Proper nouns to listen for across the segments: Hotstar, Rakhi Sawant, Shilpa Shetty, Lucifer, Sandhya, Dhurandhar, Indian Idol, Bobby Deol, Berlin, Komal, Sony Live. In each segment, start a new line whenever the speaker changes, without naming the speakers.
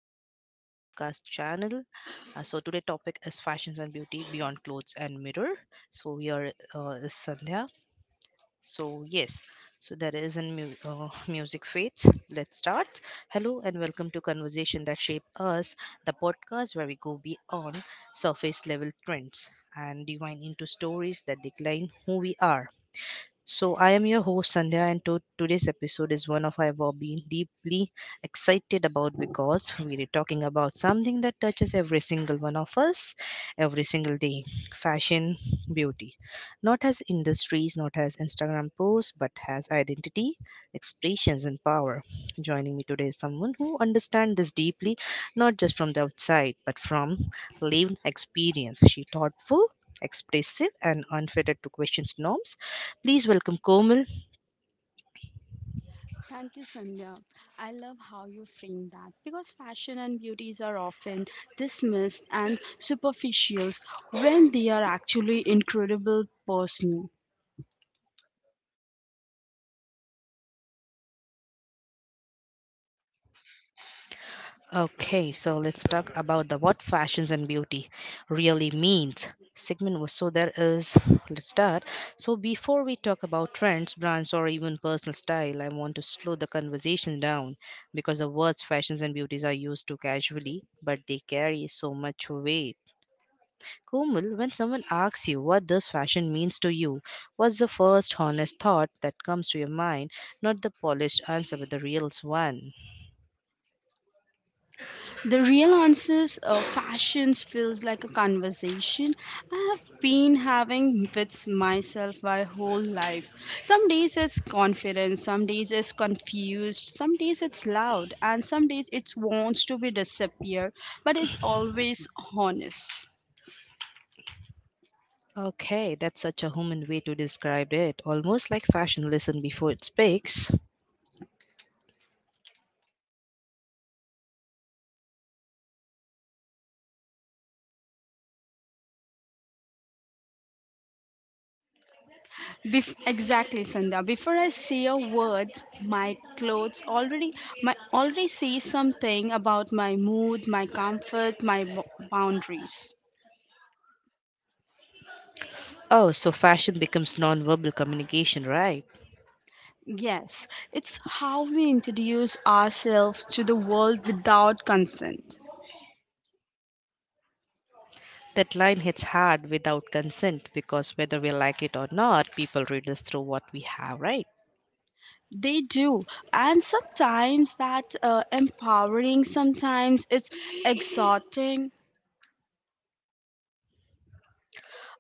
you're welcome to podcast channel. So today topic is fashions and beauty beyond clothes and mirror. So here is Sandhya. So yes. So there is a music fades. Let's start. Hello and welcome to conversation that shape us, the podcast where we go beyond surface level trends and divine into stories that decline who we are. So, I am your host Sandhya, and today's episode is one of I have been deeply excited about because we are talking about something that touches every single one of us every single day fashion, beauty. Not as industries, not as Instagram posts, but as identity, expressions, and power. Joining me today is someone who understands this deeply, not just from the outside, but from lived experience. She thoughtful expressive and unfettered to questions norms. Please welcome Komal.
Thank you, Sandhya. I love how you frame that because fashion and beauties are often dismissed and superficial when they are actually incredible personal.
Okay, so let's talk about the what fashions and beauty really means. Segment was so there is let's start. So before we talk about trends, brands, or even personal style, I want to slow the conversation down because the words fashions and beauties are used too casually, but they carry so much weight. Komal, when someone asks you what does fashion means to you, what's the first honest thought that comes to your mind? Not the polished answer, but the real one.
The real answers of fashions feels like a conversation I have been having with myself my whole life. Some days it's confident, some days it's confused, some days it's loud, and some days it wants to be disappear, but it's always honest.
Okay, that's such a human way to describe it, almost like fashion listen before it speaks.
Exactly, Sandhya. Before I say a word, my clothes already my already say something about my mood, my comfort, my boundaries.
Oh, so fashion becomes non-verbal communication, right?
Yes, it's how we introduce ourselves to the world without consent.
That line hits hard without consent because whether we like it or not, people read us through what we have, right?
They do, and sometimes that empowering. Sometimes it's exhorting.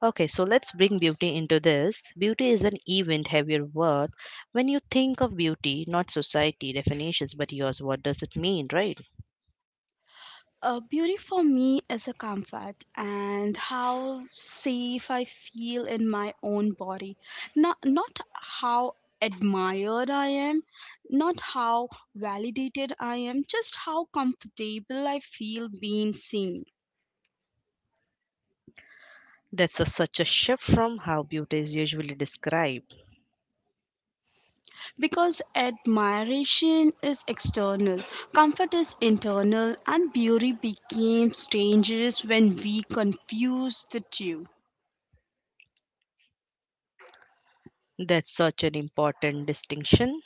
Okay, so let's bring beauty into this. Beauty is an event heavier word. When you think of beauty, not society definitions, but yours, what does it mean, right?
Beauty for me is a comfort and how safe I feel in my own body. Not how admired I am, not how validated I am, just how comfortable I feel being seen.
That's a, such a shift from how beauty is usually described.
Because admiration is external, comfort is internal, and beauty becomes dangerous when we confuse the two.
That's such an important distinction.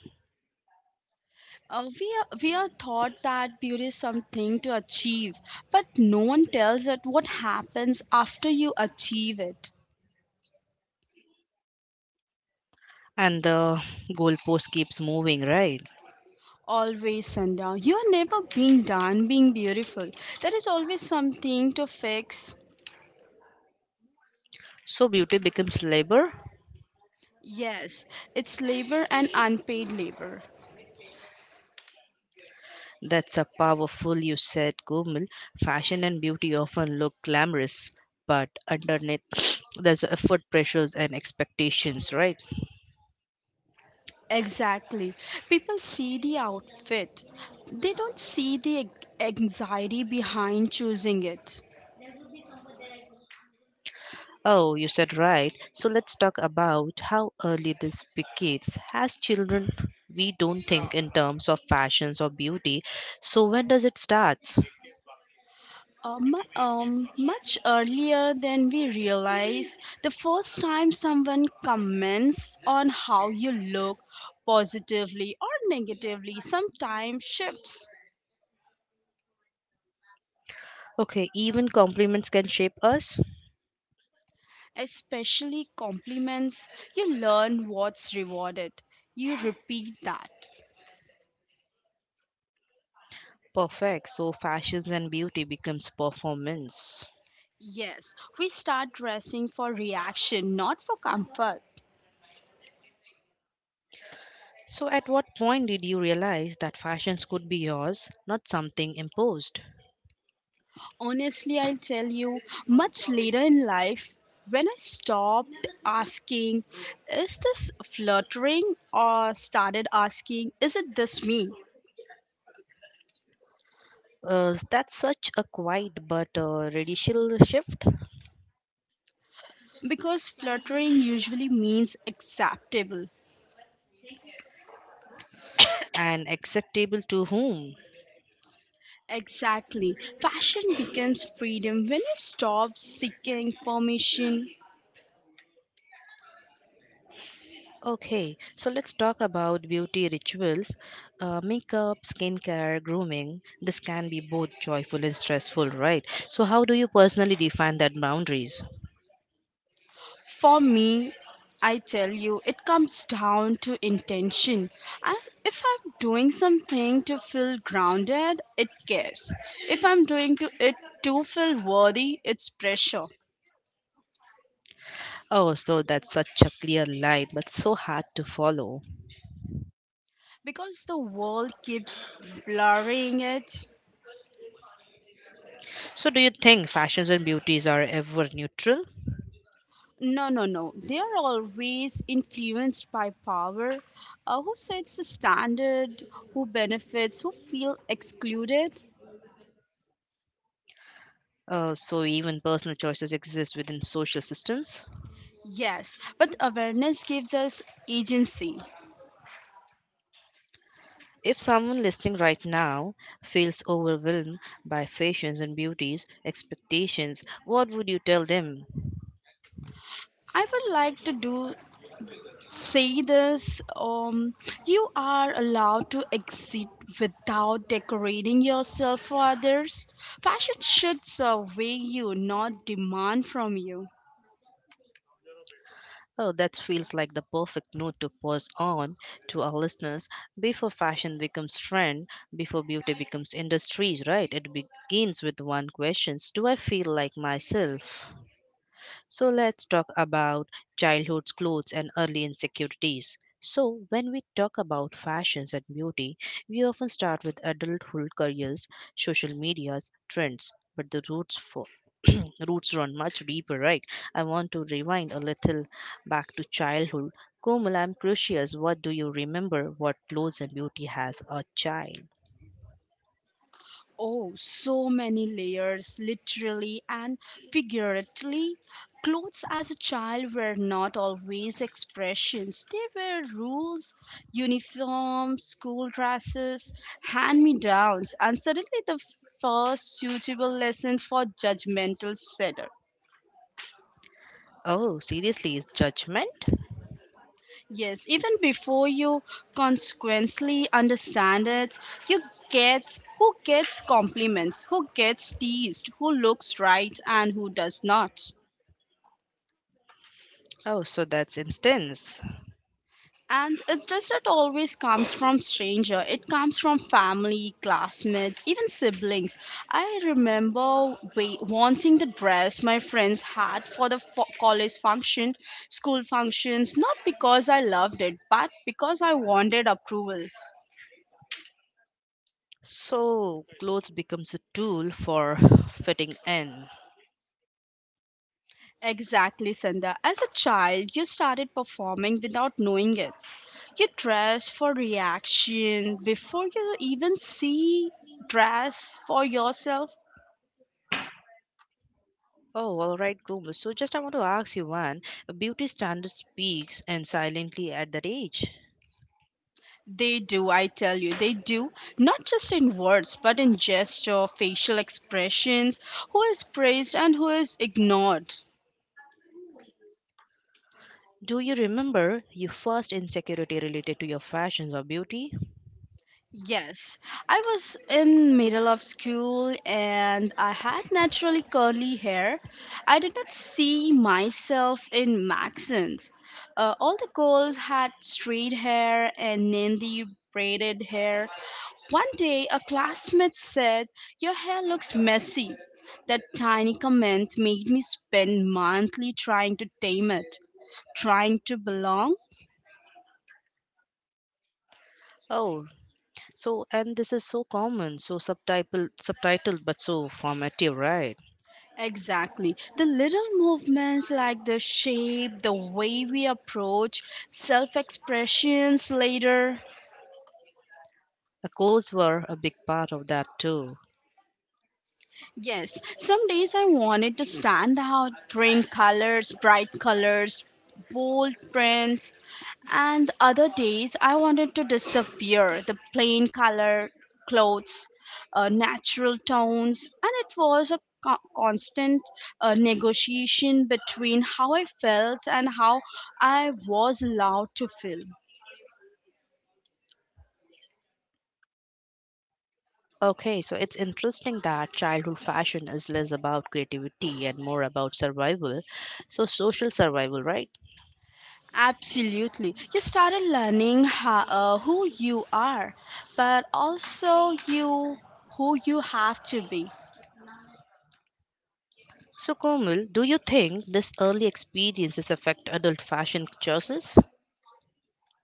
We are taught that beauty is something to achieve, but no one tells us what happens after you achieve it.
And the goalpost keeps moving, right?
Always, Sandhya, you are never being done being beautiful. There is always something to fix.
So beauty becomes labor.
Yes, it's labor and unpaid labor.
That's a powerful you said, Gomil. Fashion and beauty often look glamorous, but underneath there's effort pressures and expectations, right?
Exactly. People see the outfit, they don't see the anxiety behind choosing it.
Oh, you said right. So let's talk about how early this begins. As children, we don't think in terms of fashions or beauty. So when does it start?
Much earlier than we realize, the first time someone comments on how you look positively or negatively sometimes shifts.
Okay, even compliments can shape us.
Especially compliments, you learn what's rewarded. You repeat that.
Perfect. So fashions and beauty becomes performance.
Yes, we start dressing for reaction, not for comfort.
So at what point did you realize that fashions could be yours, not something imposed?
Honestly, I'll tell you, much later in life, when I stopped asking, is this fluttering, or started asking, is it this me?
That's such a quiet but radical shift,
Because fluttering usually means acceptable.
and acceptable to whom?
Exactly. Fashion becomes freedom when you stop seeking permission.
Okay, so let's talk about beauty rituals, makeup, skincare, grooming. This can be both joyful and stressful, right? So, how do you personally define that boundaries?
For me, I tell you, it comes down to intention. I, if I'm doing something to feel grounded, it cares. If I'm doing it to feel worthy, it's pressure.
Oh, so that's such a clear line, but so hard to follow.
Because the world keeps blurring it.
So, do you think fashions and beauties are ever neutral?
No, no, no. They are always influenced by power. Who sets the standard? Who benefits? Who feel excluded?
So even personal choices exist within social systems?
Yes, but awareness gives us agency.
If someone listening right now feels overwhelmed by fashions and beauties expectations, what would you tell them?
I would like to do say this um you are allowed to exit without decorating yourself for others. Fashion should survey you, not demand from you.
Oh, that feels like the perfect note to pause on to our listeners before fashion becomes trend, before beauty becomes industries, right? It begins with one question: do I feel like myself? So let's talk about childhood's clothes and early insecurities. So, when we talk about fashions and beauty, we often start with adulthood careers, social medias, trends, but the roots for roots run much deeper, right? I want to rewind a little back to childhood. Komal, I'm curious, what do you remember what clothes and beauty has a child?
Oh, so many layers, literally and figuratively. Clothes as a child were not always expressions, they were rules, uniforms, school dresses, hand me downs, and suddenly the first suitable lessons for judgmental setter.
Oh, seriously, is judgment?
Yes, even before you consequently understand it, you gets who gets compliments, who gets teased, who looks right and who does not.
Oh, so that's instance.
And it's just that always comes from stranger. It comes from family, classmates, even siblings. I remember wanting the dress my friends had for the college function, school functions, not because I loved it, but because I wanted approval.
So, clothes becomes a tool for fitting in.
Exactly, Sandha. As a child, you started performing without knowing it. You dress for reaction before you even see dress for yourself.
Oh, all right, Gomez. So, just I want to ask you one. A beauty standard speaks and silently at that age.
They do, I tell you, they do. Not just in words, but in gesture, facial expressions, who is praised and who is ignored.
Do you remember your first insecurity related to your fashions or beauty?
Yes, I was in middle of school and I had naturally curly hair. I did not see myself in Maxons. All the girls had straight hair and Nandi braided hair. One day, a classmate said, your hair looks messy. That tiny comment made me spend monthly trying to tame it, trying to belong.
Oh, so, and this is so common, so subtitle, subtitled, but so formative, right?
Exactly. The little movements like the shape, the way we approach, self expressions later.
The clothes were a big part of that too.
Yes, some days I wanted to stand out, bring colors, bright colors, bold prints, and other days, I wanted to disappear the plain color, clothes, natural tones, and it was a constant negotiation between how I felt and how I was allowed to feel.
Okay, so it's interesting that childhood fashion is less about creativity and more about survival, so social survival, right?
Absolutely. You started learning who you are, but also you who you have to be.
So, Komal, do you think this early experiences affect adult fashion choices?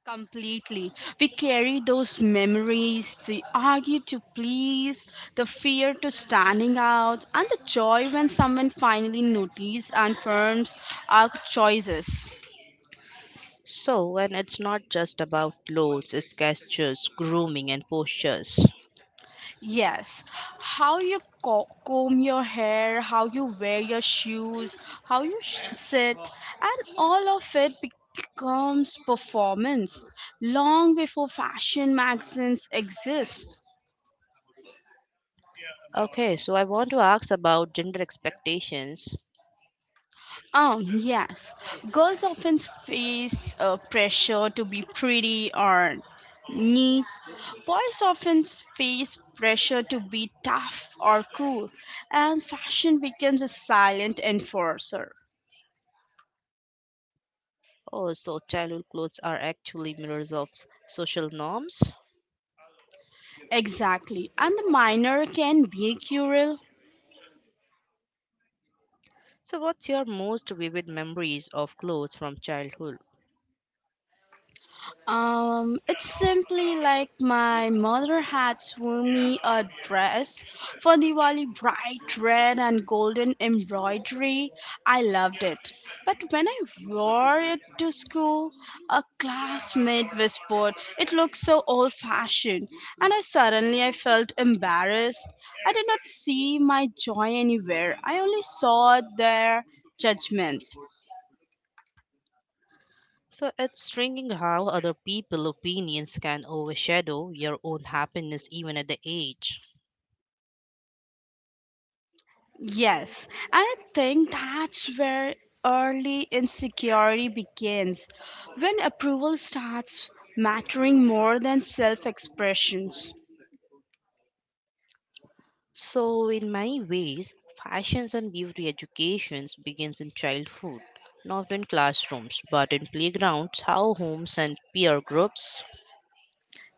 Completely. We carry those memories, the argue to please, the fear to standing out, and the joy when someone finally notices and affirms our choices.
So, and it's not just about clothes, it's gestures, grooming, and postures.
Yes, how you comb your hair, how you wear your shoes, how you sit, and all of it becomes performance long before fashion magazines exist.
Okay, so I want to ask about gender expectations.
Yes. Girls often face pressure to be pretty or neat. Boys often face pressure to be tough or cool. And fashion becomes a silent enforcer.
Oh, so childhood clothes are actually mirrors of social norms.
Exactly. And the minor can be cruel.
So, what's your most vivid memories of clothes from childhood?
It's simply like my mother had sewn me a dress for Diwali, bright red and golden embroidery. I loved it. But when I wore it to school, a classmate whispered, "It looks so old-fashioned," and I suddenly I felt embarrassed. I did not see my joy anywhere. I only saw their judgment.
So, it's striking how other people's opinions can overshadow your own happiness even at the age.
Yes, and I think that's where early insecurity begins, when approval starts mattering more than self expressions.
So, in many ways, fashions and beauty educations begins in childhood, not in classrooms, but in playgrounds, how homes and peer groups.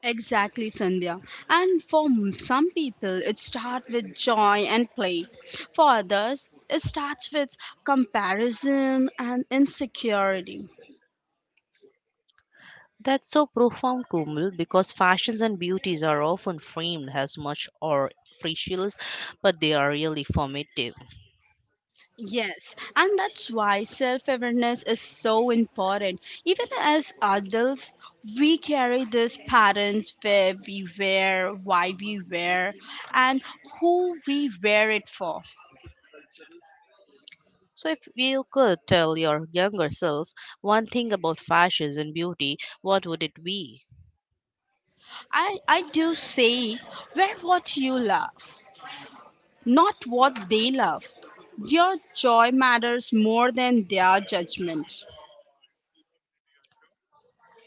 Exactly, Sandhya. And for some people, it starts with joy and play. For others, it starts with comparison and insecurity.
That's so profound, Kumul, because fashions and beauties are often framed as much or frivolous, but they are really formative.
Yes, and that's why self awareness is so important. Even as adults, we carry these patterns where we wear, why we wear, and who we wear it for.
So, if you could tell your younger self one thing about fashions and beauty, what would it be?
I do say, wear what you love, not what they love. Your joy matters more than their judgment.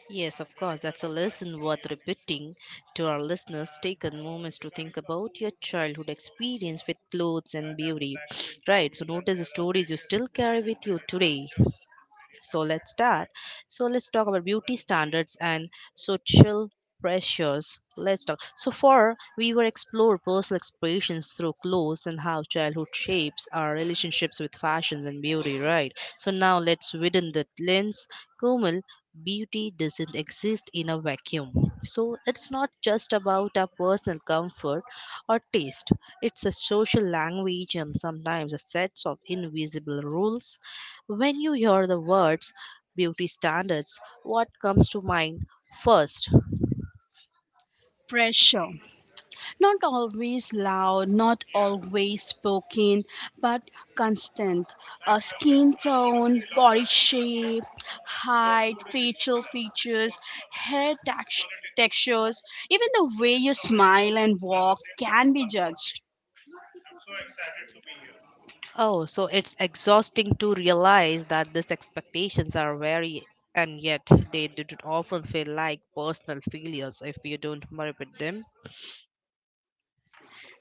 Yes, of course, that's a lesson worth repeating to our listeners. Take a moment to think about your childhood experience with clothes and beauty. Right, so notice the stories you still carry with you today. So let's start. So let's talk about beauty standards and social pressures. Let's talk. So far, we will explore personal expressions through clothes and how childhood shapes our relationships with fashions and beauty, right? So now let's widen the lens. Kumil, beauty doesn't exist in a vacuum. So it's not just about our personal comfort or taste. It's a social language and sometimes a sets of invisible rules. When you hear the words beauty standards, what comes to mind first?
Pressure. Not always loud, not always spoken, but constant. A skin tone, body shape, height, facial features, hair tex- textures, even the way you smile and walk can be judged.
Oh, so it's exhausting to realize that these expectations are very and yet they do often feel like personal failures if you don't meet them.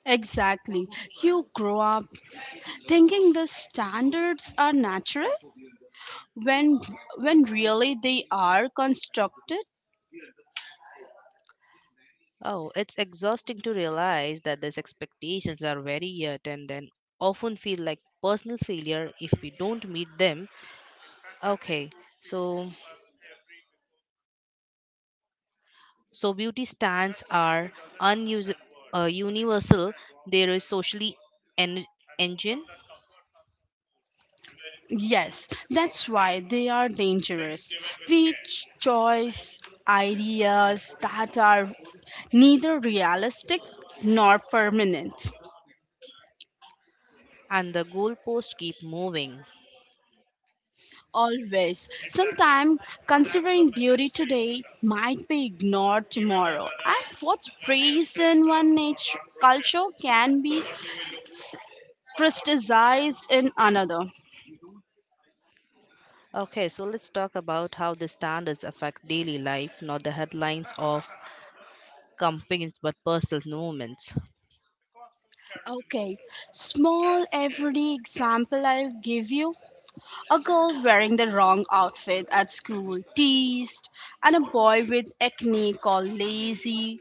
Exactly. You grow up thinking the standards are natural when when really they are constructed.
Oh, it's exhausting to realize that these expectations are very yet and then often feel like personal failure if we don't meet them. Okay, so so beauty standards are unus- universal. There is socially en- engine,
Yes, that's why they are dangerous. We choose ideas that are neither realistic nor permanent.
and the goalposts keep moving.
Always. Sometimes considering beauty today might be ignored tomorrow. And what's praised in one nature, culture can be s- criticized in another.
Okay, so let's talk about how the standards affect daily life, not the headlines of campaigns, but personal movements.
Okay, small everyday example I'll give you. A girl wearing the wrong outfit at school teased, and a boy with acne called lazy.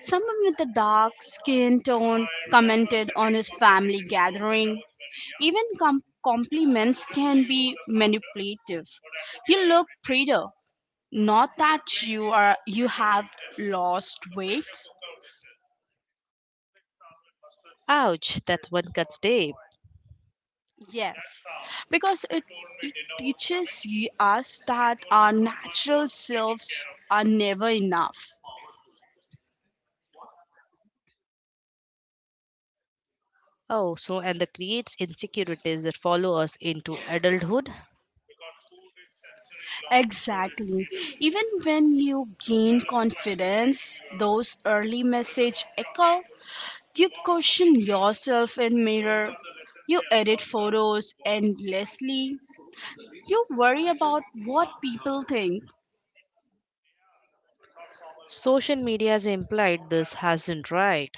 Someone with a dark skin tone commented on his family gathering. Even compliments can be manipulative. You look prettier. Not that you are you have lost weight.
Ouch! That one cuts deep.
Yes, because it teaches us that our natural selves are never enough.
Oh, so and that creates insecurities that follow us into adulthood.
Exactly. Even when you gain confidence, those early message echo, you question yourself in mirror, you edit photos endlessly, you worry about what people think.
Social media has implied this hasn't right.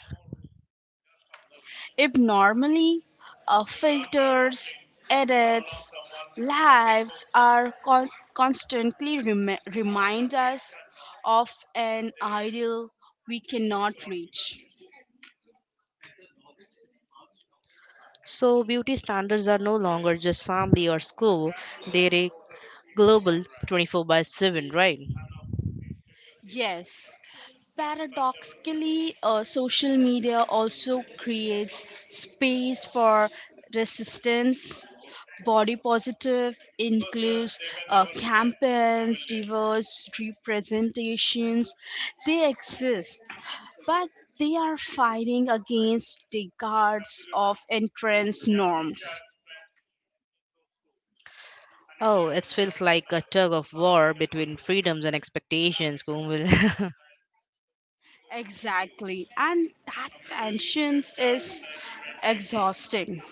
If normally filters, edits, lives are constantly remind us of an ideal we cannot reach.
So, beauty standards are no longer just family or school, they're a global 24/7, right?
Yes, paradoxically, social media also creates space for resistance. Body positive includes campaigns, diverse representations. They exist, but they are fighting against decades of entrance norms.
Oh, it feels like a tug of war between freedoms and expectations, Kumul.
Exactly, and that tension is exhausting.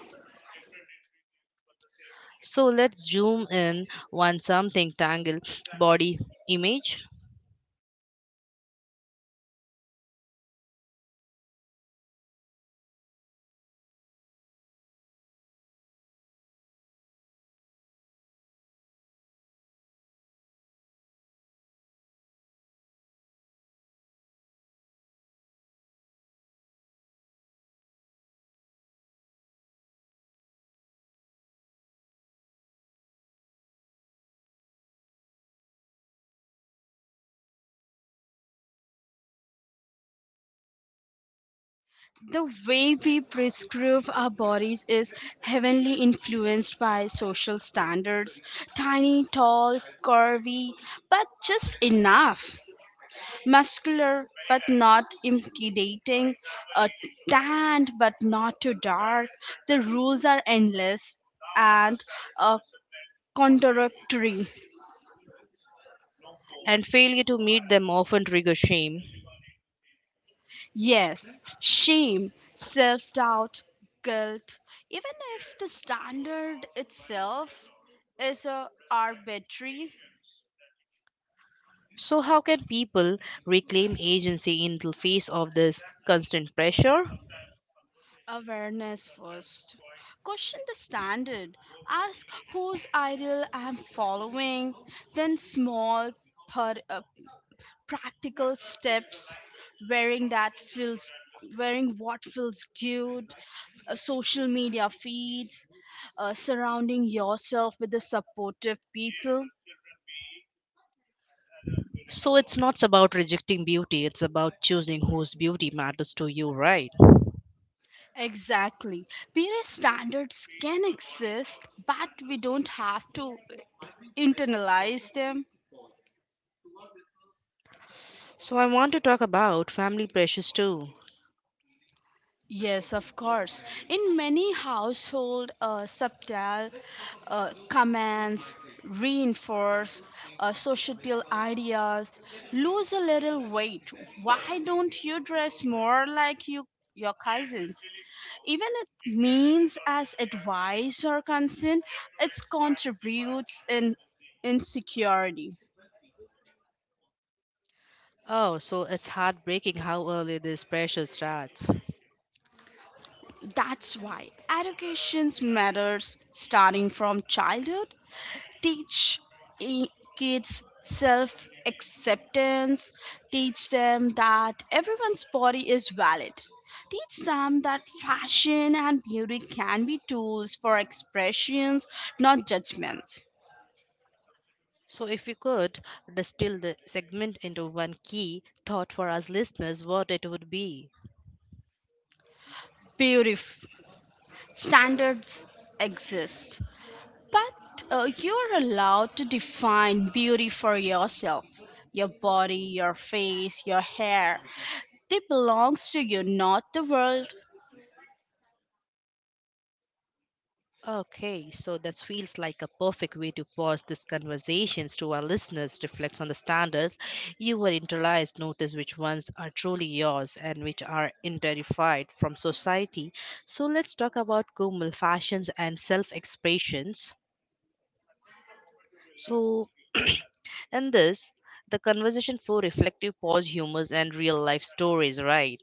So, let's zoom in on something tangled body image,
The way we prescribe our bodies is heavily influenced by social standards tiny, tall, curvy, but just enough, muscular but not intimidating, uh, tanned but not too dark. The rules are endless and uh, contradictory.
and failure to meet them often trigger shame.
Yes, shame, self doubt, guilt, even if the standard itself is a arbitrary.
So, how can people reclaim agency in the face of this constant pressure?
Awareness first. Question the standard, ask whose ideal I am following, then small per practical steps wearing that feels wearing what feels good, social media feeds, surrounding yourself with the supportive people.
So it's not about rejecting beauty, it's about choosing whose beauty matters to you, right?
Exactly, peer standards can exist but we don't have to internalize them.
So I want to talk about family pressures too.
Yes, of course. In many household, subtle commands reinforce societal ideas. Lose a little weight. Why don't you dress more like your cousins? Even it means as advice or consent, it contributes in insecurity.
Oh, so it's heartbreaking how early this pressure starts.
That's why education matters starting from childhood. Teach i- kids self acceptance, teach them that everyone's body is valid, teach them that fashion and beauty can be tools for expressions, not judgment.
So if you could distill the segment into one key thought for us listeners, what it would be.
Beautiful standards exist, but you're allowed to define beauty for yourself. Your body, your face, your hair, they belongs to you, not the world.
Okay, so that feels like a perfect way to pause this conversations to our listeners, reflects on the standards you were internalized, notice which ones are truly yours and which are interified from society. So let's talk about Kumal fashions and self-expressions. So in this, the conversation for reflective pause humors and real life stories, right?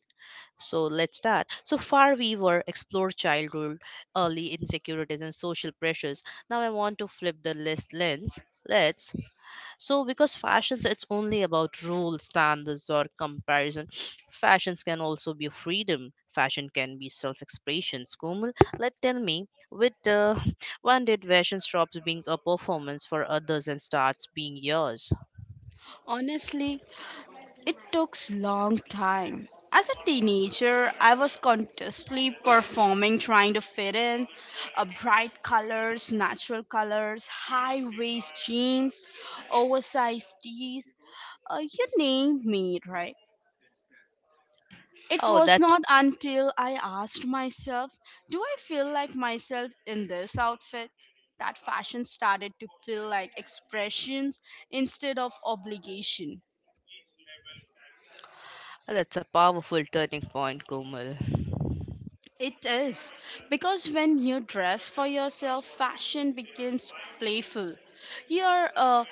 So let's start. So far, we were explore childhood, early insecurities, and social pressures. Now I want to flip the list lens. Let's so because fashions it's only about rules, standards, or comparison. Fashions can also be freedom. Fashion can be self-expression. Kumul, let tell me, with when did fashion stops being a performance for others and starts being yours?
Honestly, it took long time. As a teenager, I was constantly performing, trying to fit in bright colors, natural colors, high waist jeans, oversized tees. You name me, right? It
Oh,
was not until I asked myself, do I feel like myself in this outfit? That fashion started to feel like expressions instead of obligation.
that's a powerful turning point, Kumul.
It is. Because when you dress for yourself, fashion becomes playful. You're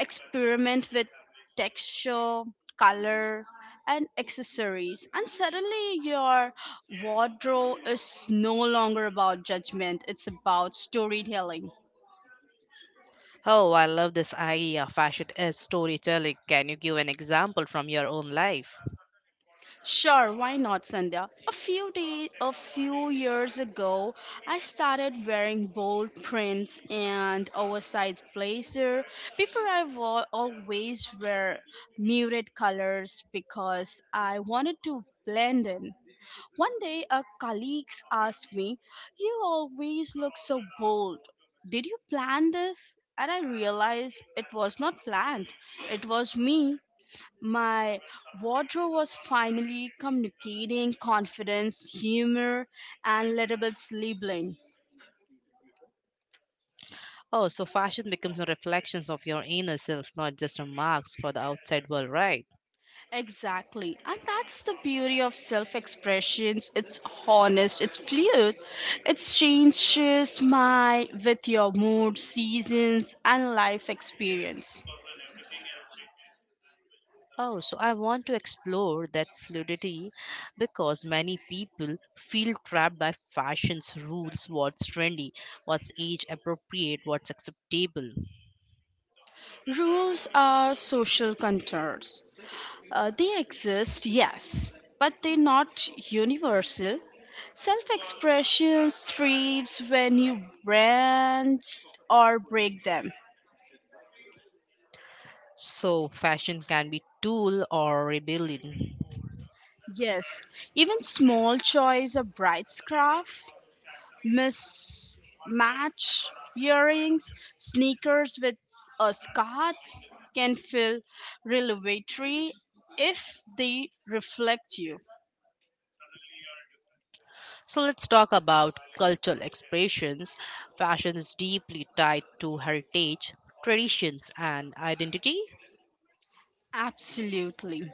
experiment with texture, color, and accessories, and suddenly your wardrobe is no longer about judgment, it's about storytelling.
Oh, I love this idea. Fashion is storytelling. Can you give an example from your own life?
Sure, why not, Sandhya? A few years ago, I started wearing bold prints and oversized blazer. Before, I always wear muted colors because I wanted to blend in. One day, a colleague asked me, "You always look so bold. Did you plan this?" And I realized it was not planned. It was me my wardrobe was finally communicating confidence, humor, and little bit labeling.
Oh, so fashion becomes a reflection of your inner self, not just a marks for the outside world, right?
Exactly. And that's the beauty of self expressions. It's honest, it's fluid, it changes my with your mood, seasons, and life experience.
Oh, so I want to explore that fluidity because many people feel trapped by fashion's rules what's trendy, what's age appropriate, what's acceptable.
Rules are social contours. They exist, yes, but they're not universal. Self expression thrives when you branch or break them.
So, fashion can be tool or rebellion.
Yes, even small choice of bright scarf, mismatch earrings, sneakers with a scarf can feel revelatory if they reflect you.
So let's talk about cultural expressions. Fashion is deeply tied to heritage, traditions, and identity.
Absolutely.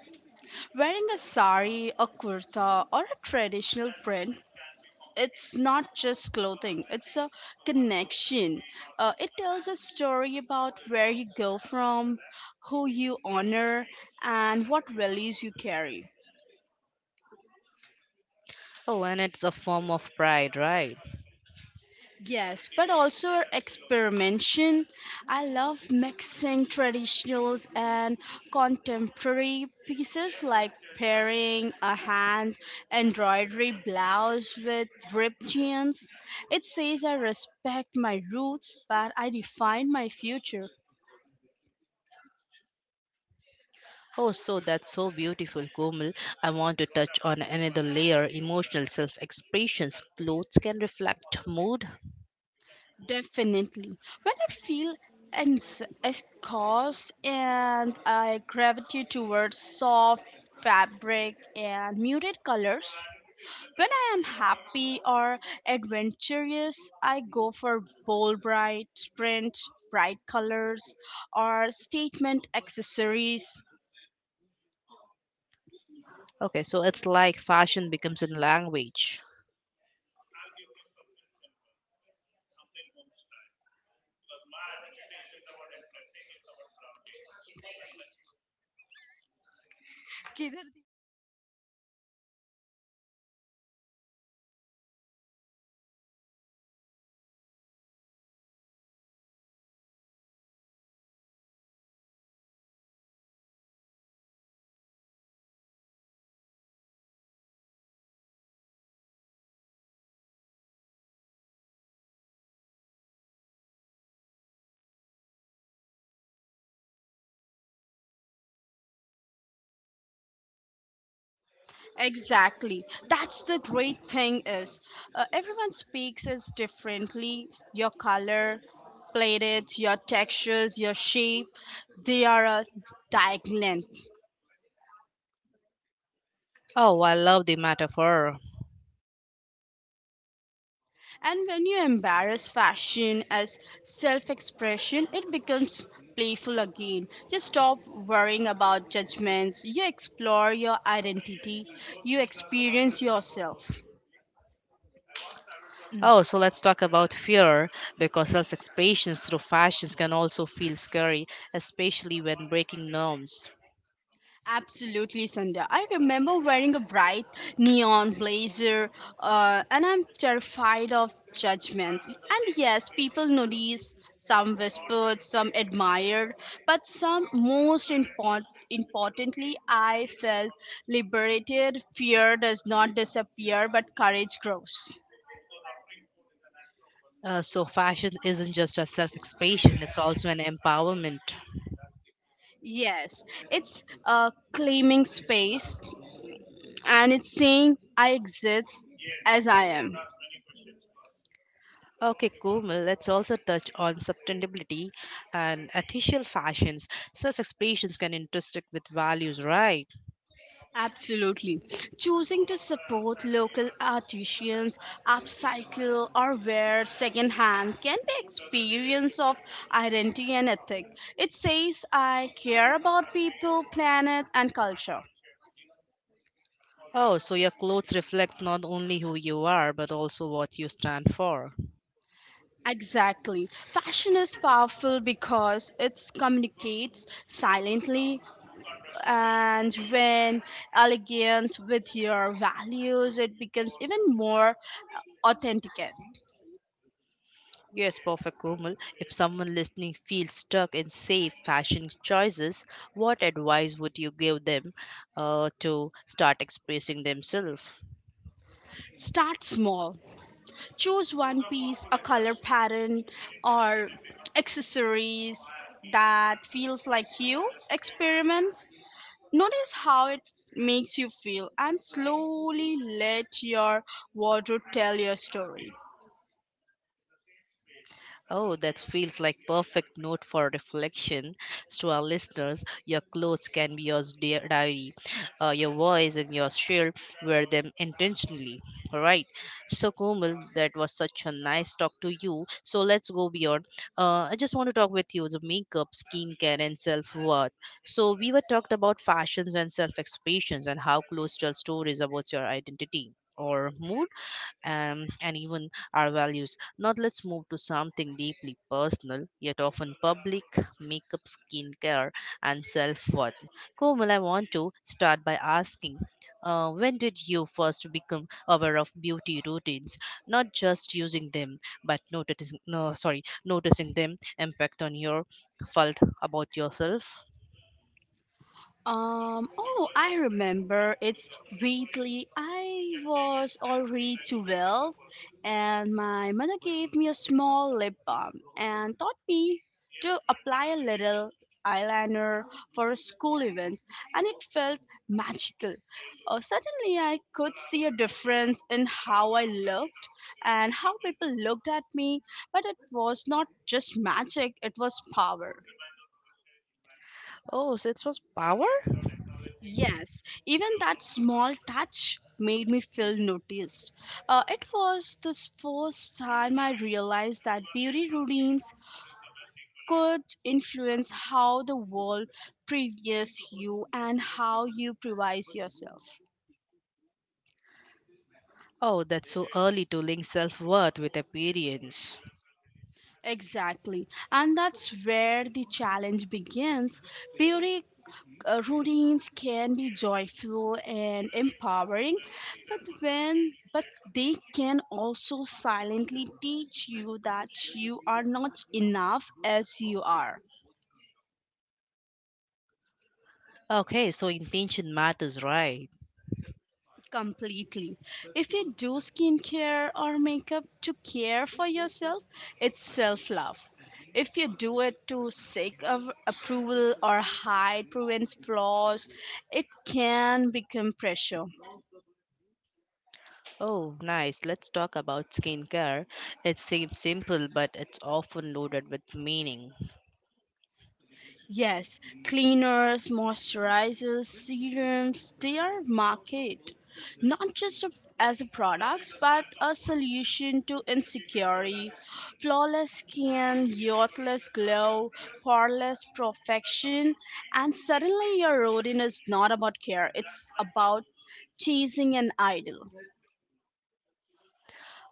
Wearing a sari, a kurta, or a traditional print, it's not just clothing, it's a connection. It tells a story about where you go from, who you honor, and what values you carry.
Oh, and it's a form of pride, right?
Yes, but also experimentation. I love mixing traditionals and contemporary pieces like pairing a hand embroidery blouse with ripped jeans. It says I respect my roots, but I define my future.
Oh, so that's so beautiful, Komal. I want to touch on another layer emotional self expressions. Clothes can reflect mood.
Definitely. When I feel escorts and I gravitate towards soft fabric and muted colors. When I am happy or adventurous, I go for bold, bright print, bright colors, or statement accessories.
Okay, so it's like fashion becomes a language.
Exactly. That's the great thing is everyone speaks is differently. Your color, plated, your textures, your shape, they are a dialect.
Oh, I love the metaphor.
And when you embrace fashion as self expression, it becomes playful again. You stop worrying about judgments, you explore your identity, you experience yourself.
Oh, so let's talk about fear because self expressions through fashions can also feel scary, especially when breaking norms.
Absolutely, Sandhya. I remember wearing a bright neon blazer, and I'm terrified of judgment. And yes, people notice, some whispered, some admired, but some most important. Importantly, I felt liberated. Fear does not disappear, but courage grows.
So, fashion isn't just a self expression, it's also an empowerment.
Yes, it's claiming space and it's saying I exist as I am.
Okay, cool. Well, let's also touch on sustainability and ethical fashions. Self expressions can intersect with values, right?
Absolutely. Choosing to support local artisans, upcycle or wear secondhand can be experience of identity and ethic. It says I care about people, planet and culture.
Oh, so your clothes reflects not only who you are but also what you stand for.
Exactly. Fashion is powerful because it communicates silently and when elegant with your values it becomes even more authentic.
Yes, perfect, Komal. If someone listening feels stuck in safe fashion choices, what advice would you give them to start expressing themselves?
Start small. Choose one piece, a color pattern, or accessories that feels like you. Experiment. Notice how it makes you feel and slowly let your wardrobe tell your story.
Oh, that feels like perfect note for reflection to our listeners. Your clothes can be your dear diary. Your voice and your shield wear them intentionally. All right. So, Komal, that was such a nice talk to you. So let's go beyond. I just want to talk with you the makeup, skincare, and self worth. So we were talked about fashions and self expressions and how clothes tell stories about your identity or mood and even our values. Now, let's move to something deeply personal, yet often public makeup, skincare, and self worth. Komal, I want to start by asking. When did you first become aware of beauty routines not just using them but noticing no sorry noticing them impact on your felt about yourself.
Oh, I remember. It's Wheatley. I was already 12, and my mother gave me a small lip balm and taught me to apply a little eyeliner for a school event, and it felt magical. Suddenly, I could see a difference in how I looked and how people looked at me, but it was not just magic, it was power.
Oh, so it was power.
Yes, even that small touch made me feel noticed. It was the first time I realized that beauty routines could influence how the world previews you and how you prize yourself.
Oh, that's so early to link self-worth with appearance.
Exactly, and that's where the challenge begins. Beauty routines can be joyful and empowering but they can also silently teach you that you are not enough as you are.
Okay, so intention matters, right?
Completely. If you do skincare or makeup to care for yourself, it's self love. If you do it to seek of approval or hide prevents flaws, it can become pressure.
Oh, nice. Let's talk about skincare. It seems simple, but it's often loaded with meaning.
Yes, cleaners, moisturizers, serums, they are market not just a- as a products but a solution to insecurity, flawless skin, youthless glow, poreless perfection, and suddenly your routine is not about care, it's about chasing an idol.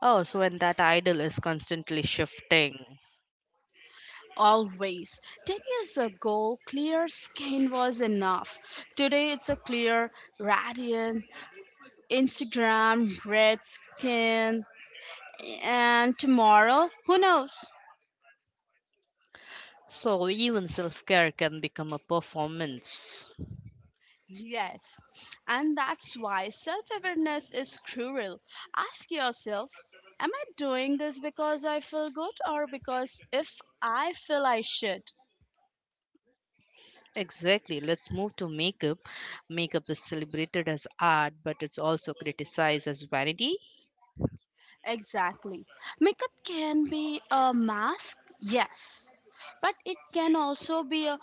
Oh, so when that idol is constantly shifting.
Always. 10 years ago, clear skin was enough. Today, it's a clear, radiant, Instagram, Redskin, and tomorrow, who knows?
So even self care can become a performance.
Yes, and that's why self awareness is cruel. Ask yourself, am I doing this because I feel good or because if I feel I should?
Exactly. Let's move to makeup. Makeup is celebrated as art, but it's also criticized as vanity.
Exactly. Makeup can be a mask, yes, but it can also be a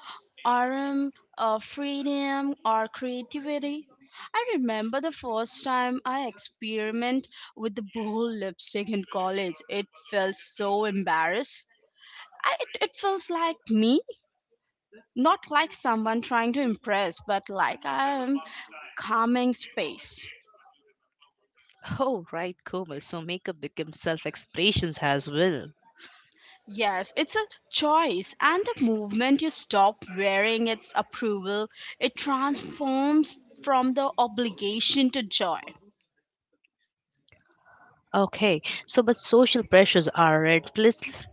arm, a freedom, or creativity. I remember the first time I experiment with the bold lipstick in college. It felt so embarrassed. It feels like me, not like someone trying to impress, but like I am calming space.
Oh, right, Komal. So makeup becomes self expressions as well.
Yes, it's a choice, and the movement you stop wearing its approval, it transforms from the obligation to joy.
Okay, so but social pressures are relentless.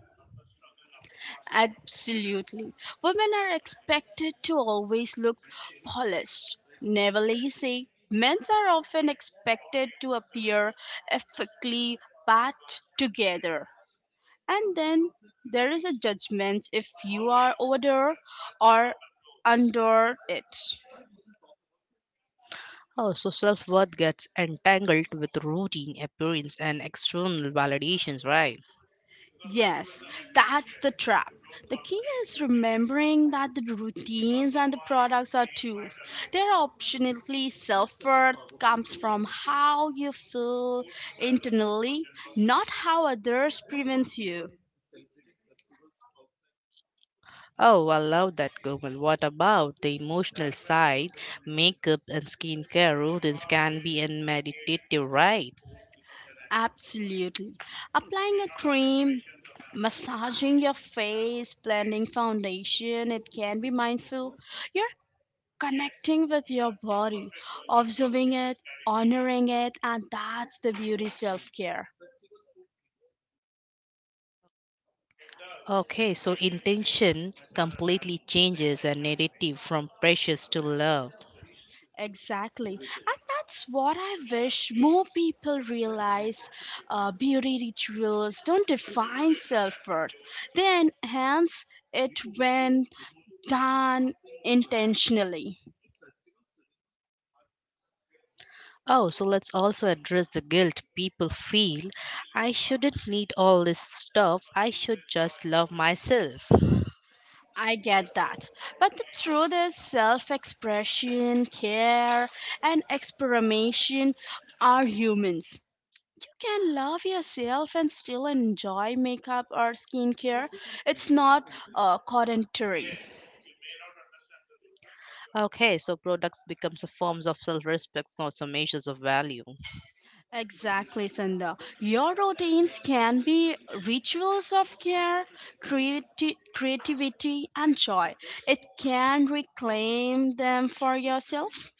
Absolutely. Women are expected to always look polished, never lazy. Men are often expected to appear ethically put together. And then there is a judgment if you are older or under it.
Oh, so self worth gets entangled with routine, appearance, and external validations, right?
Yes, that's the trap. The key is remembering that the routines and the products are tools. They're optionally self worth comes from how you feel internally, not how others prevents you.
Oh, I love that, Google. What about the emotional side? Makeup and skincare routines can be in meditative, right?
Absolutely. Applying a cream, massaging your face, blending foundation, it can be mindful. You're connecting with your body, observing it, honoring it, and that's the beauty self care.
Okay, so intention completely changes a narrative from precious to love.
Exactly. And that's what I wish more people realize. Beauty rituals don't define self worth, they enhance it when done intentionally.
Oh, so let's also address the guilt people feel. I shouldn't need all this stuff. I should just love myself.
I get that. But the truth is, self expression, care, and experimentation are humans. You can love yourself and still enjoy makeup or skincare. It's not contradictory.
Okay, so products becomes a forms of self-respect, not some measures of value.
Exactly, Sandha. Your routines can be rituals of care, creativity, and joy. It can reclaim them for yourself.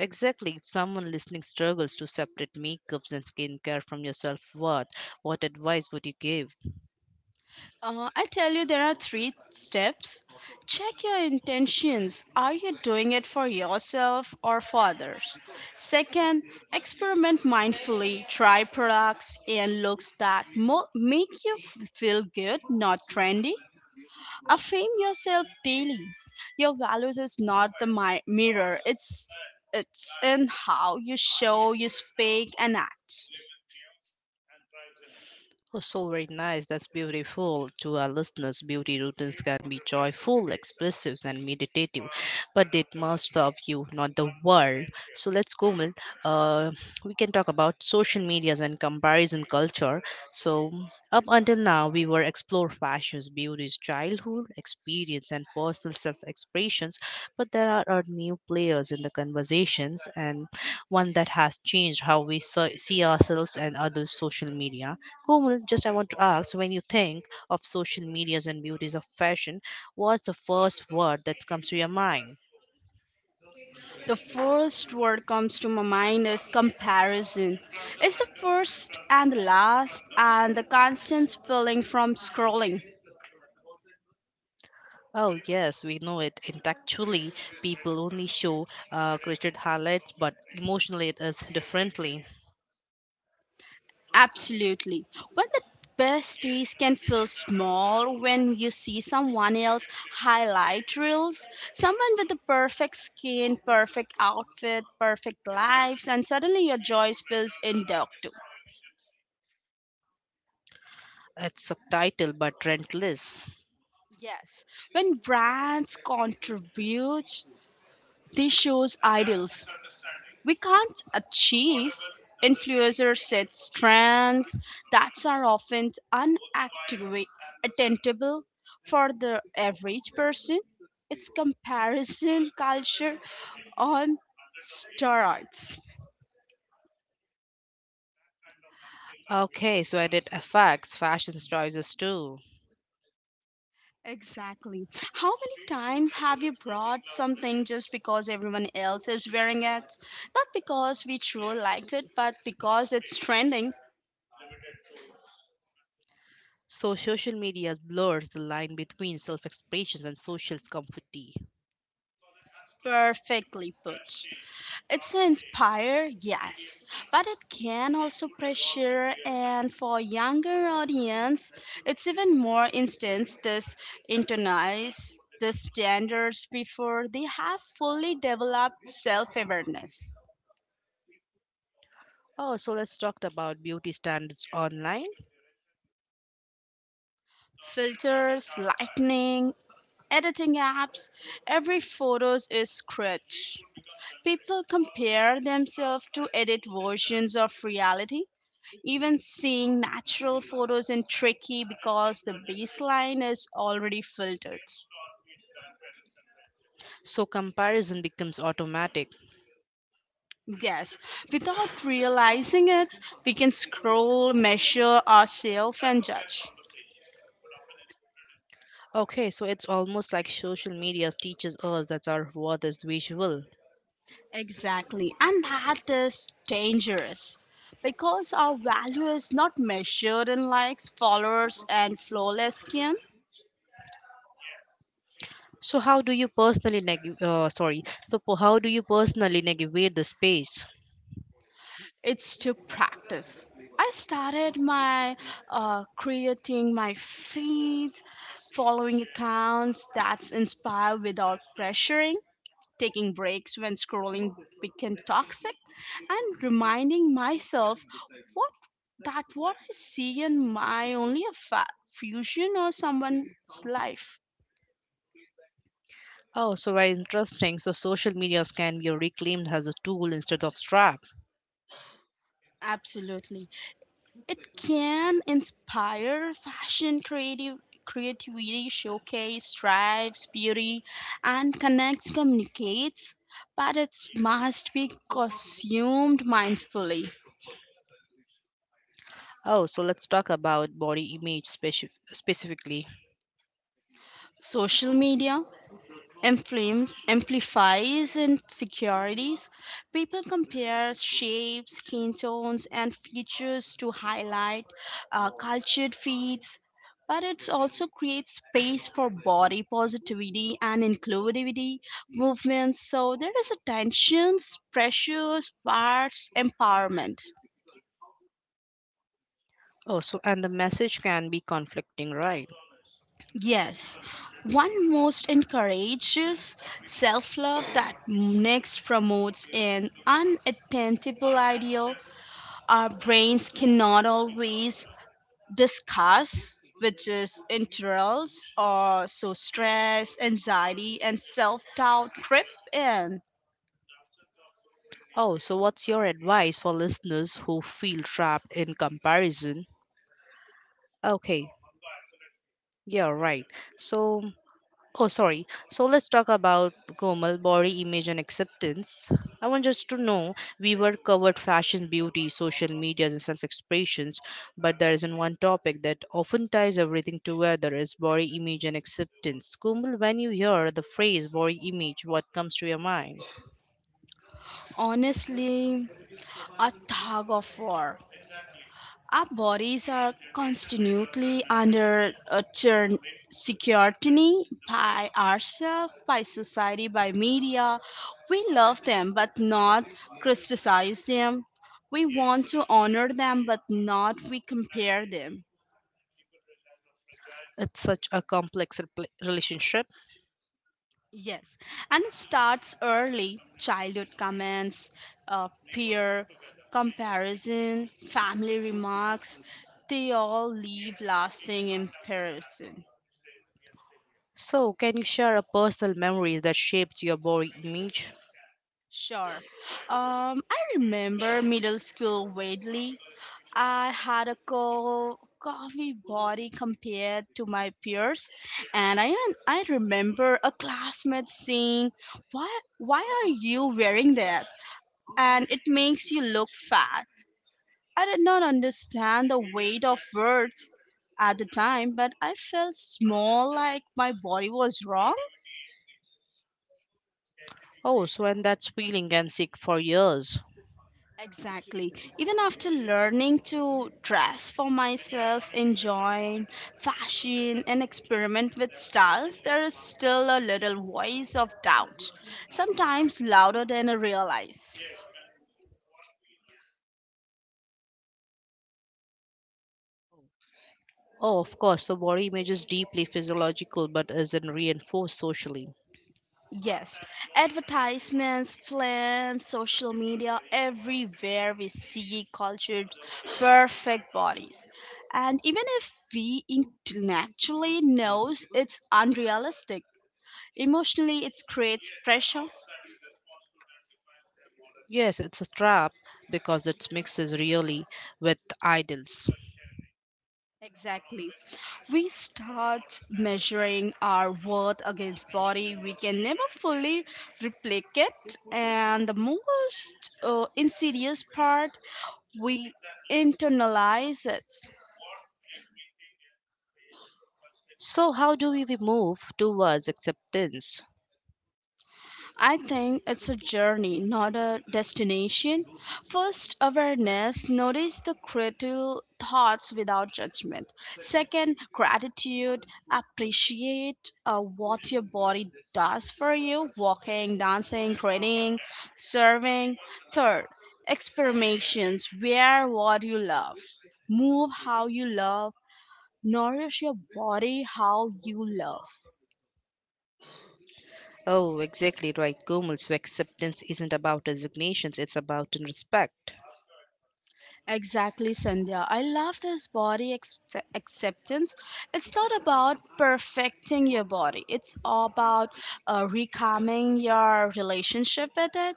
Exactly. If someone listening struggles to separate makeups and skincare from your self-worth, what advice would you give?
I tell you, there are three steps. Check your intentions. Are you doing it for yourself or for others? Second, experiment mindfully. Try products and looks that make you feel good, not trendy. Affirm yourself daily. Your values is not the mirror, it's in how you show, you speak, and act.
Oh, so very nice. That's beautiful. To our listeners, beauty routines can be joyful, expressive, and meditative, but they must serve you, not the world. So let's go, Mil. Uh, we can talk about social medias and comparison culture. So up until now, we were explore fashions, beauties, childhood experience, and personal self-expressions. But there are new players in the conversations, and one that has changed how we see ourselves and other social media. Komal, just I want to ask when you think of social medias and beauties of fashion, what's the first word that comes to your mind?
The first word comes to my mind is comparison. It's the first and the last and the constant feeling from scrolling.
Oh, yes, we know it. Intellectually, people only show created highlights, but emotionally, it is differently.
Absolutely. When the best days can feel small when you see someone else highlight reels, someone with the perfect skin, perfect outfit, perfect lives, and suddenly your joy feels inductive.
It's subtitled but rentless.
Yes, when brands contribute, they shows ideals. We can't achieve influencer set strands that are often unattainable for the average person. It's comparison culture on steroids.
Okay, so I did affects fashion choices too.
Exactly. How many times have you brought something just because everyone else is wearing it? Not because we truly liked it, but because it's trending
So social media blurs the line between self-expressions and social comfort.
perfectly put. It's inspire, yes, but it can also pressure, and for younger audience, it's even more instance this internalize the standards before they have fully developed self-awareness.
Oh, so let's talk about beauty standards online.
Filters, lightning, editing apps, every photos is scratch. People compare themselves to edit versions of reality even seeing natural photos in tricky because the baseline is already filtered.
So comparison becomes automatic.
Yes, without realizing it, we can scroll, measure ourselves, and judge.
Okay, so it's almost like social media teaches us that our worth is visual.
Exactly, and that is dangerous because our value is not measured in likes, followers, and flawless skin.
So how do you personally how do you personally navigate the space?
It took practice. I started my creating my feed, following accounts that's inspire without pressuring, taking breaks when scrolling became toxic, and reminding myself what that what I see in my only a fusion or someone's life.
Oh, so very interesting. So social medias can be reclaimed as a tool instead of trap.
Absolutely. It can inspire fashion, creative creativity, showcase, strives, beauty, and connects, communicates, but it must be consumed mindfully.
Oh, so let's talk about body image specifically.
Social media inflames, amplifies insecurities. People compare shapes, skin tones, and features to highlight cultured feeds. But it also creates space for body positivity and inclusivity movements. So there is a tensions, pressures, parts, empowerment.
Oh, so and the message can be conflicting, right?
Yes, one most encourages self love, that next promotes an unattainable ideal our brains cannot always discuss, which is interest or so stress, anxiety, and self doubt trip in.
Oh, so what's your advice for listeners who feel trapped in comparison? Okay, yeah, right. So oh, sorry. So let's talk about Komal, body image and acceptance. I want just to know we were covered fashion, beauty, social media, and self expressions, but there isn't one topic that often ties everything together is body image and acceptance. Komal, when you hear the phrase body image, what comes to your mind?
Honestly, a tug of war. Our bodies are constantly under a churn scrutiny by ourselves, by society, by media. We love them but not criticize them. We want to honor them but not we compare them.
It's such a complex relationship.
Yes, and it starts early childhood comments, peer comparison, family remarks. They all leave lasting impression.
So, can you share a personal memory that shaped your body image?
Sure. I remember middle school vaguely. I had a coffee body compared to my peers, and I remember a classmate saying, "Why why are you wearing that?" And it makes you look fat. I did not understand the weight of words at the time, but I felt small, like my body was wrong.
Oh, so and that's feeling and sick for years.
Exactly. Even after learning to dress for myself, enjoying fashion, and experiment with styles, there is still a little voice of doubt, sometimes louder than I realize.
Oh, of course, the body image is deeply physiological but isn't reinforced socially.
Yes, advertisements, films, social media, everywhere we see cultured perfect bodies. And even if we intellectually knows it's unrealistic, emotionally it creates pressure.
Yes, it's a trap because it mixes really with idols.
Exactly. We start measuring our worth against body we can never fully replicate, and the most insidious part, we internalize it.
So, how do we move towards acceptance?
I think it's a journey, not a destination. First, awareness. Notice the critical thoughts without judgment. Second, gratitude. Appreciate what your body does for you walking, dancing, training, serving. Third, experimentations. Wear what you love, move how you love, nourish your body how you love.
Oh, exactly right, Gomel. So acceptance isn't about designations; it's about in respect.
Exactly, Sandhya. I love this body acceptance. It's not about perfecting your body, it's all about recalming your relationship with it.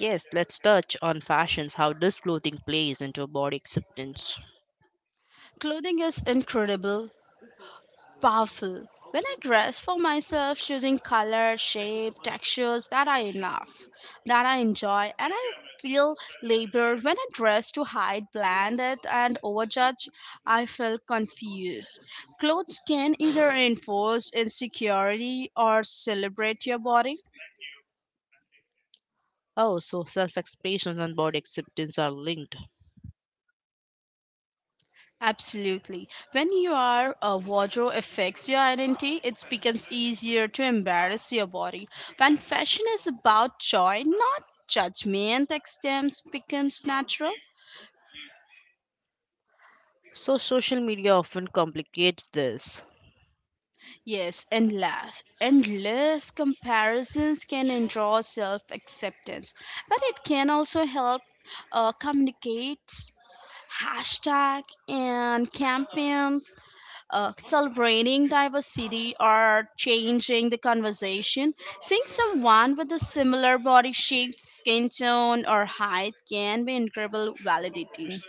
Yes, let's touch on fashions, how this clothing plays into body acceptance.
Clothing is incredible, powerful. When I dress for myself, choosing color, shape, textures that I love, that I enjoy, and I feel labored when I dress to hide, blend, it, and overjudge, I feel confused. Clothes can either enforce insecurity or celebrate your body.
Oh, so self expression and body acceptance are linked.
Absolutely. When you are a wardrobe affects your identity, it becomes easier to embarrass your body. When fashion is about joy, not judgment, extends becomes natural.
So, social media often complicates this.
Yes, endless, endless comparisons can endraw self acceptance, but it can also help communicate hashtag and campaigns celebrating diversity or changing the conversation. Seeing someone with a similar body shape, skin tone, or height can be incredible validating.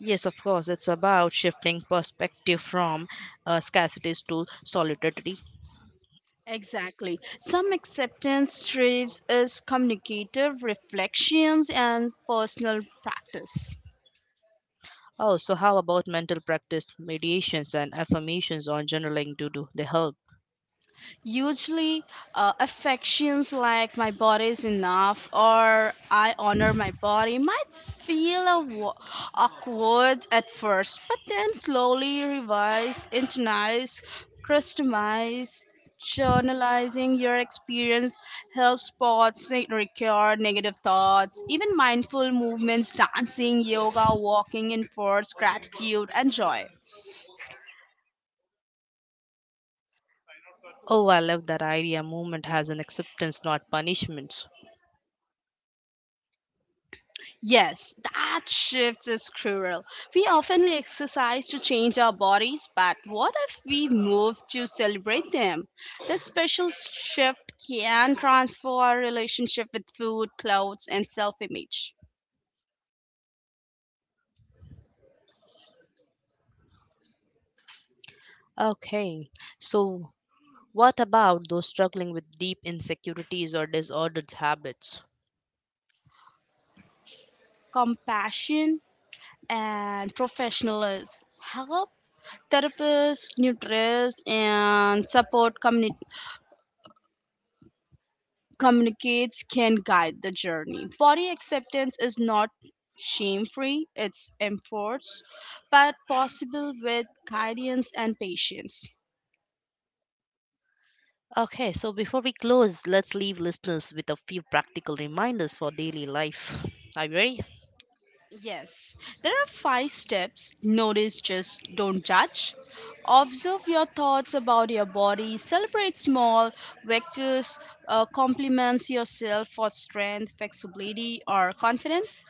Yes, of course, it's about shifting perspective from scarcities to solidarity.
Exactly. Some acceptance thrives is communicative reflections and personal practice.
Oh, so how about mental practice, mediations, and affirmations on journaling to do the help?
Usually, affections like my body is enough or I honor my body might feel awkward at first, but then slowly revise, internalize, customize. Journalizing your experience helps spots recur negative thoughts. Even mindful movements, dancing, yoga, walking enforce gratitude and joy.
Oh, I love that idea. Movement has an acceptance, not punishment.
Yes, that shift is cruel. We often like exercise to change our bodies, but what if we move to celebrate them? This special shift can transform our relationship with food, clothes, and self image.
Okay, so what about those struggling with deep insecurities or disordered habits?
Compassion and professionalism help therapists, nutritionists, and support community communicates can guide the journey. Body acceptance is not shame free, it's enforced, but possible with guidance and patience.
Okay, so before we close, let's leave listeners with a few practical reminders for daily life. Are you ready?
Yes, there are five steps. Notice, just don't judge. Observe your thoughts about your body. Celebrate small victories. Compliments yourself for strength, flexibility, or confidence.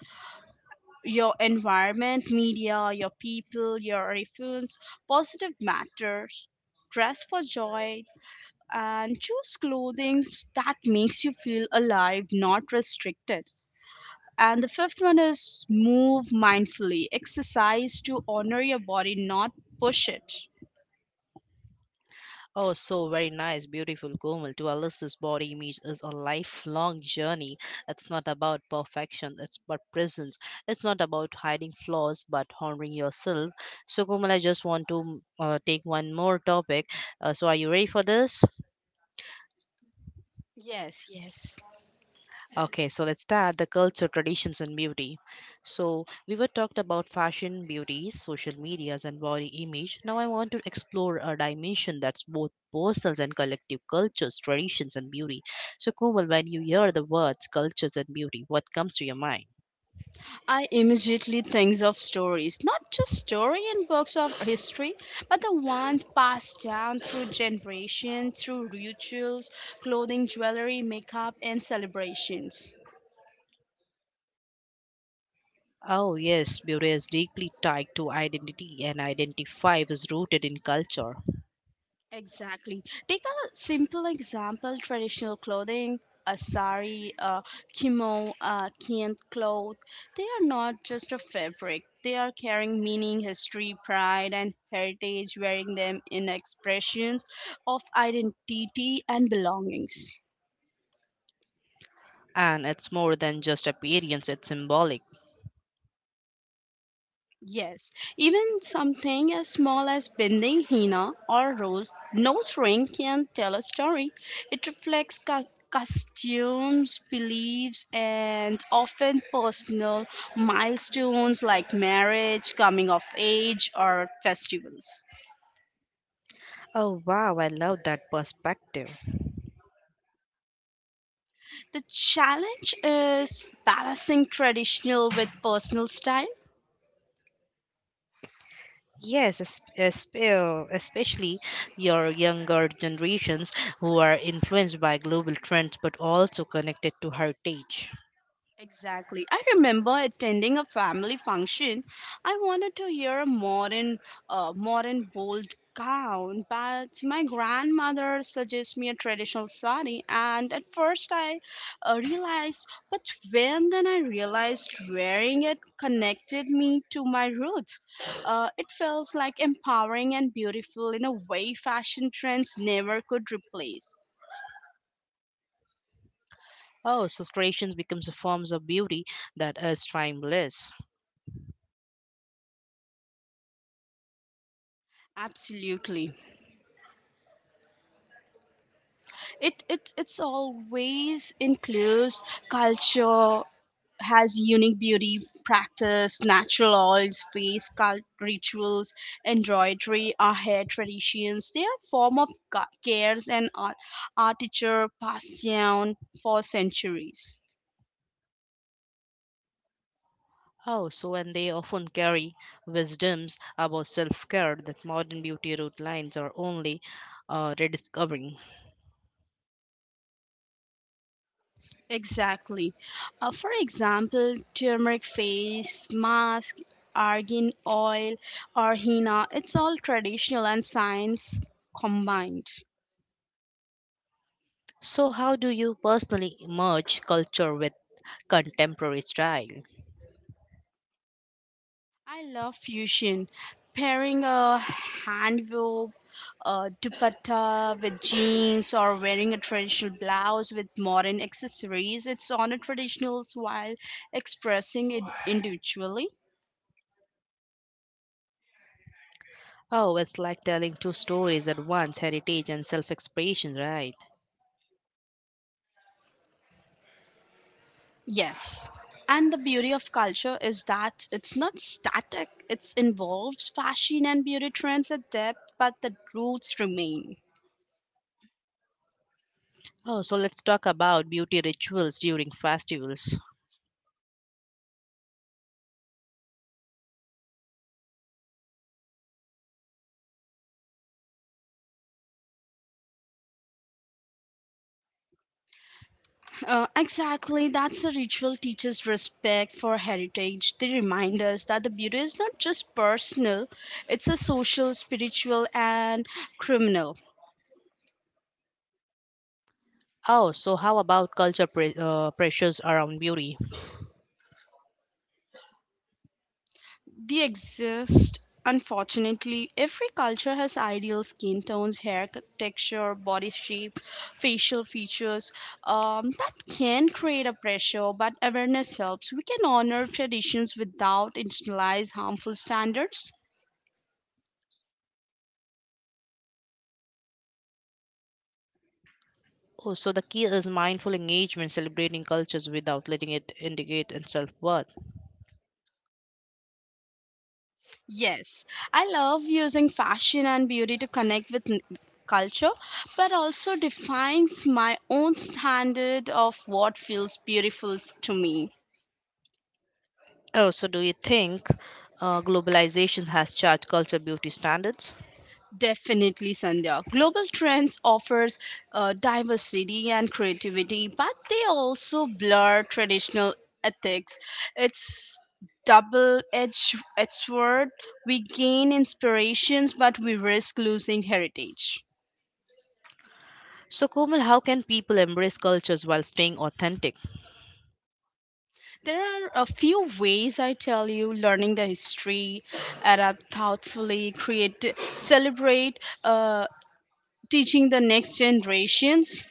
Your environment, media, your people, your influence, positive matters. Dress for joy and choose clothing that makes you feel alive, not restricted. And the fifth one is move mindfully. Exercise to honor your body, not push it.
Oh, so very nice, beautiful Komal. To our listeners, body image is a lifelong journey. It's not about perfection, it's about presence. It's not about hiding flaws, but honoring yourself. So, Komal, I just want to take one more topic. So, are you ready for this?
Yes, yes.
Okay, so let's start the culture, traditions, and beauty. So we were talked about fashion, beauty, social medias, and body image. Now I want to explore a dimension that's both personal and collective cultures, traditions, and beauty. So Komal, when you hear the words cultures and beauty, what comes to your mind?
I immediately think of stories, not just story in books of history, but the ones passed down through generations, through rituals, clothing, jewelry, makeup, and celebrations.
Oh, yes, beauty is deeply tied to identity, and identity is rooted in culture.
Exactly. Take a simple example traditional clothing, a sari, a kimono, a kent cloth. They are not just a fabric, they are carrying meaning, history, pride, and heritage, wearing them in expressions of identity and belongings.
And it's more than just appearance, it's symbolic.
Yes, even something as small as bending henna or rose nose ring can tell a story. It reflects costumes, beliefs, and often personal milestones like marriage, coming of age, or festivals.
Oh, wow, I love that perspective.
The challenge is balancing traditional with personal style.
Yes, especially your younger generations who are influenced by global trends but also connected to heritage.
Exactly. I remember attending a family function. I wanted to hear a modern, modern bold gown, but my grandmother suggested me a traditional sari. And at first, I realized, but when then I realized wearing it connected me to my roots. It feels like empowering and beautiful in a way fashion trends never could replace.
Oh, so creations becomes a form of beauty that is timeless.
Absolutely. It's always includes culture has unique beauty practice natural oils face cult rituals embroidery our hair traditions. They are form of cares and art, artiture passed down for centuries.
Oh, so and they often carry wisdoms about self care that modern beauty routines are only rediscovering.
Exactly. For example, turmeric face mask, argan oil, or henna, it's all traditional and science combined.
So, how do you personally merge culture with contemporary style?
I love fusion. Pairing a hand wove dupatta with jeans or wearing a traditional blouse with modern accessories, it's honor traditionals while expressing it individually.
Oh, it's like telling two stories at once heritage and self expression, right?
Yes. And the beauty of culture is that it's not static, it involves fashion and beauty trends at depth, but the roots remain.
Oh, so let's talk about beauty rituals during festivals.
Exactly, that's a ritual teaches respect for heritage. They remind us that the beauty is not just personal, it's a social, spiritual, and criminal.
Oh, so how about culture pressures around beauty?
They exist, unfortunately. Every culture has ideal skin tones, hair texture, body shape, facial features. That can create a pressure, but awareness helps. We can honor traditions without internalize harmful standards.
Oh, so the key is mindful engagement, celebrating cultures without letting it indicate and self worth.
Yes, I love using fashion and beauty to connect with culture, but also defines my own standard of what feels beautiful to me.
Oh, so do you think globalization has charged culture beauty standards?
Definitely, Sandhya. Global trends offers diversity and creativity, but they also blur traditional ethics. It's double-edged edged sword. We gain inspirations, but we risk losing heritage.
So, Komal, how can people embrace cultures while staying authentic?
There are a few ways I tell you: learning the history, adapt thoughtfully, create, celebrate, teaching the next generations.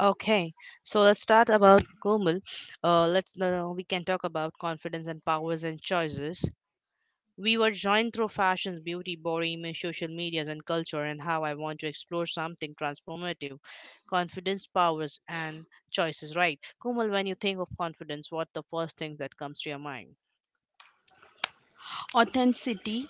Okay, so let's start about Gomul. Let's now we can talk about confidence and powers and choices. We were joined through fashions, beauty, body image, social medias, and culture, and how I want to explore something transformative. Confidence, powers, and choices. Right, Komal. When you think of confidence, what the first things that comes to your mind?
Authenticity.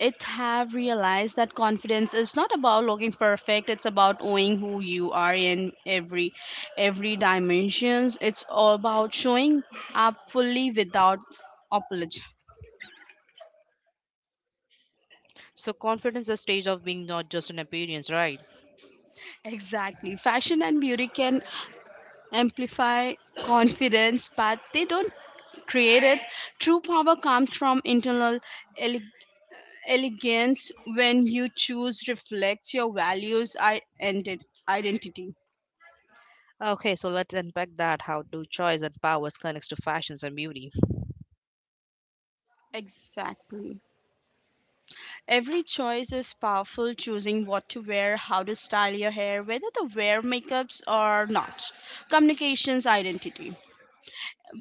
It have realized that confidence is not about looking perfect, it's about owning who you are in every dimensions. It's all about showing up fully without apology.
So, confidence, is a stage of being, not just an appearance. Right.
Exactly, fashion and beauty can amplify confidence, but they don't create it. True power comes from internal ele- elegance when you choose reflects your values and identity.
Okay, so let's unpack that. How do choice and powers connects to fashions and beauty?
Exactly. Every choice is powerful, choosing what to wear, how to style your hair, whether to wear makeups or not. Communications identity.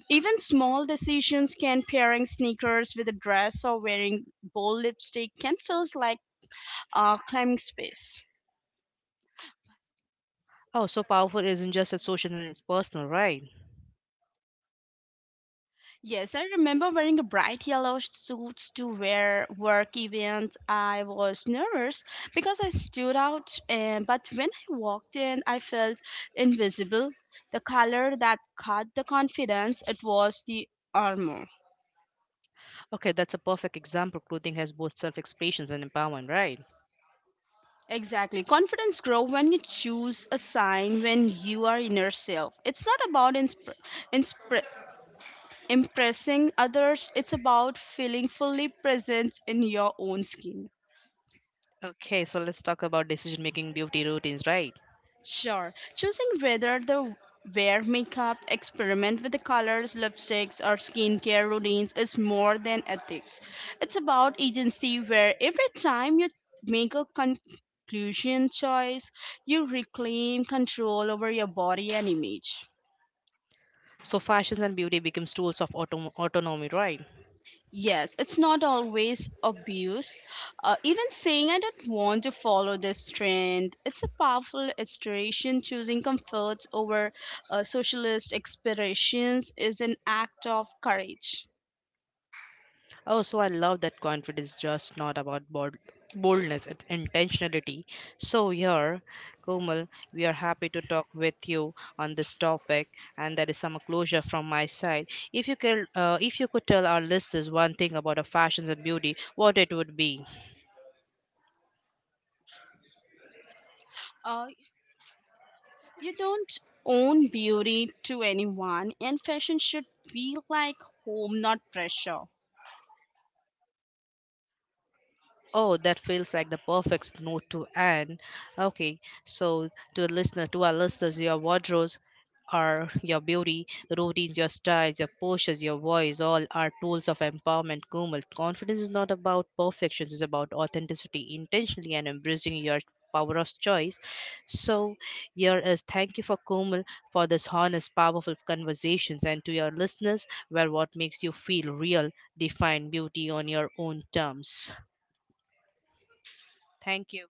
Even small decisions can pairing sneakers with a dress or wearing bold lipstick can feels like climbing space.
Oh, so powerful isn't just it's social and it's personal, right?
Yes, I remember wearing a bright yellow suit to wear work events. I was nervous because I stood out, and, but when I walked in, I felt invisible. The color that caught the confidence, it was the armor.
Okay, that's a perfect example. Clothing has both self expressions and empowerment, right?
Exactly. Confidence grows when you choose a sign when you are inner self. It's not about inspir- impressing others, it's about feeling fully present in your own skin.
Okay, so let's talk about decision making beauty routines, right?
Sure. Choosing whether to wear makeup, experiment with the colors, lipsticks, or skincare routines is more than ethics. It's about agency, where every time you make a conclusion choice, you reclaim control over your body and image.
So fashions and beauty becomes tools of autonomy, right?
Yes, it's not always abuse. Even saying I don't want to follow this trend, it's a powerful illustration. Choosing comfort over socialist aspirations is an act of courage.
Oh, so I love that confidence, just not about boldness, it's intentionality. So, here, Komal, we are happy to talk with you on this topic, and that is some closure from my side. If you could tell our listeners one thing about a fashions and beauty, what it would be.
Uh, you don't own beauty to anyone, and fashion should be like home, not pressure.
Oh, that feels like the perfect note to end. Okay, so to to our listeners, your wardrobes are your beauty, routines, your styles, your postures, your voice, all are tools of empowerment. Kumal, confidence is not about perfection; it's about authenticity, intentionally, and embracing your power of choice. So, here is thank you for Kumal for this honest, powerful conversations, and to your listeners, where what makes you feel real, define beauty on your own terms. Thank you.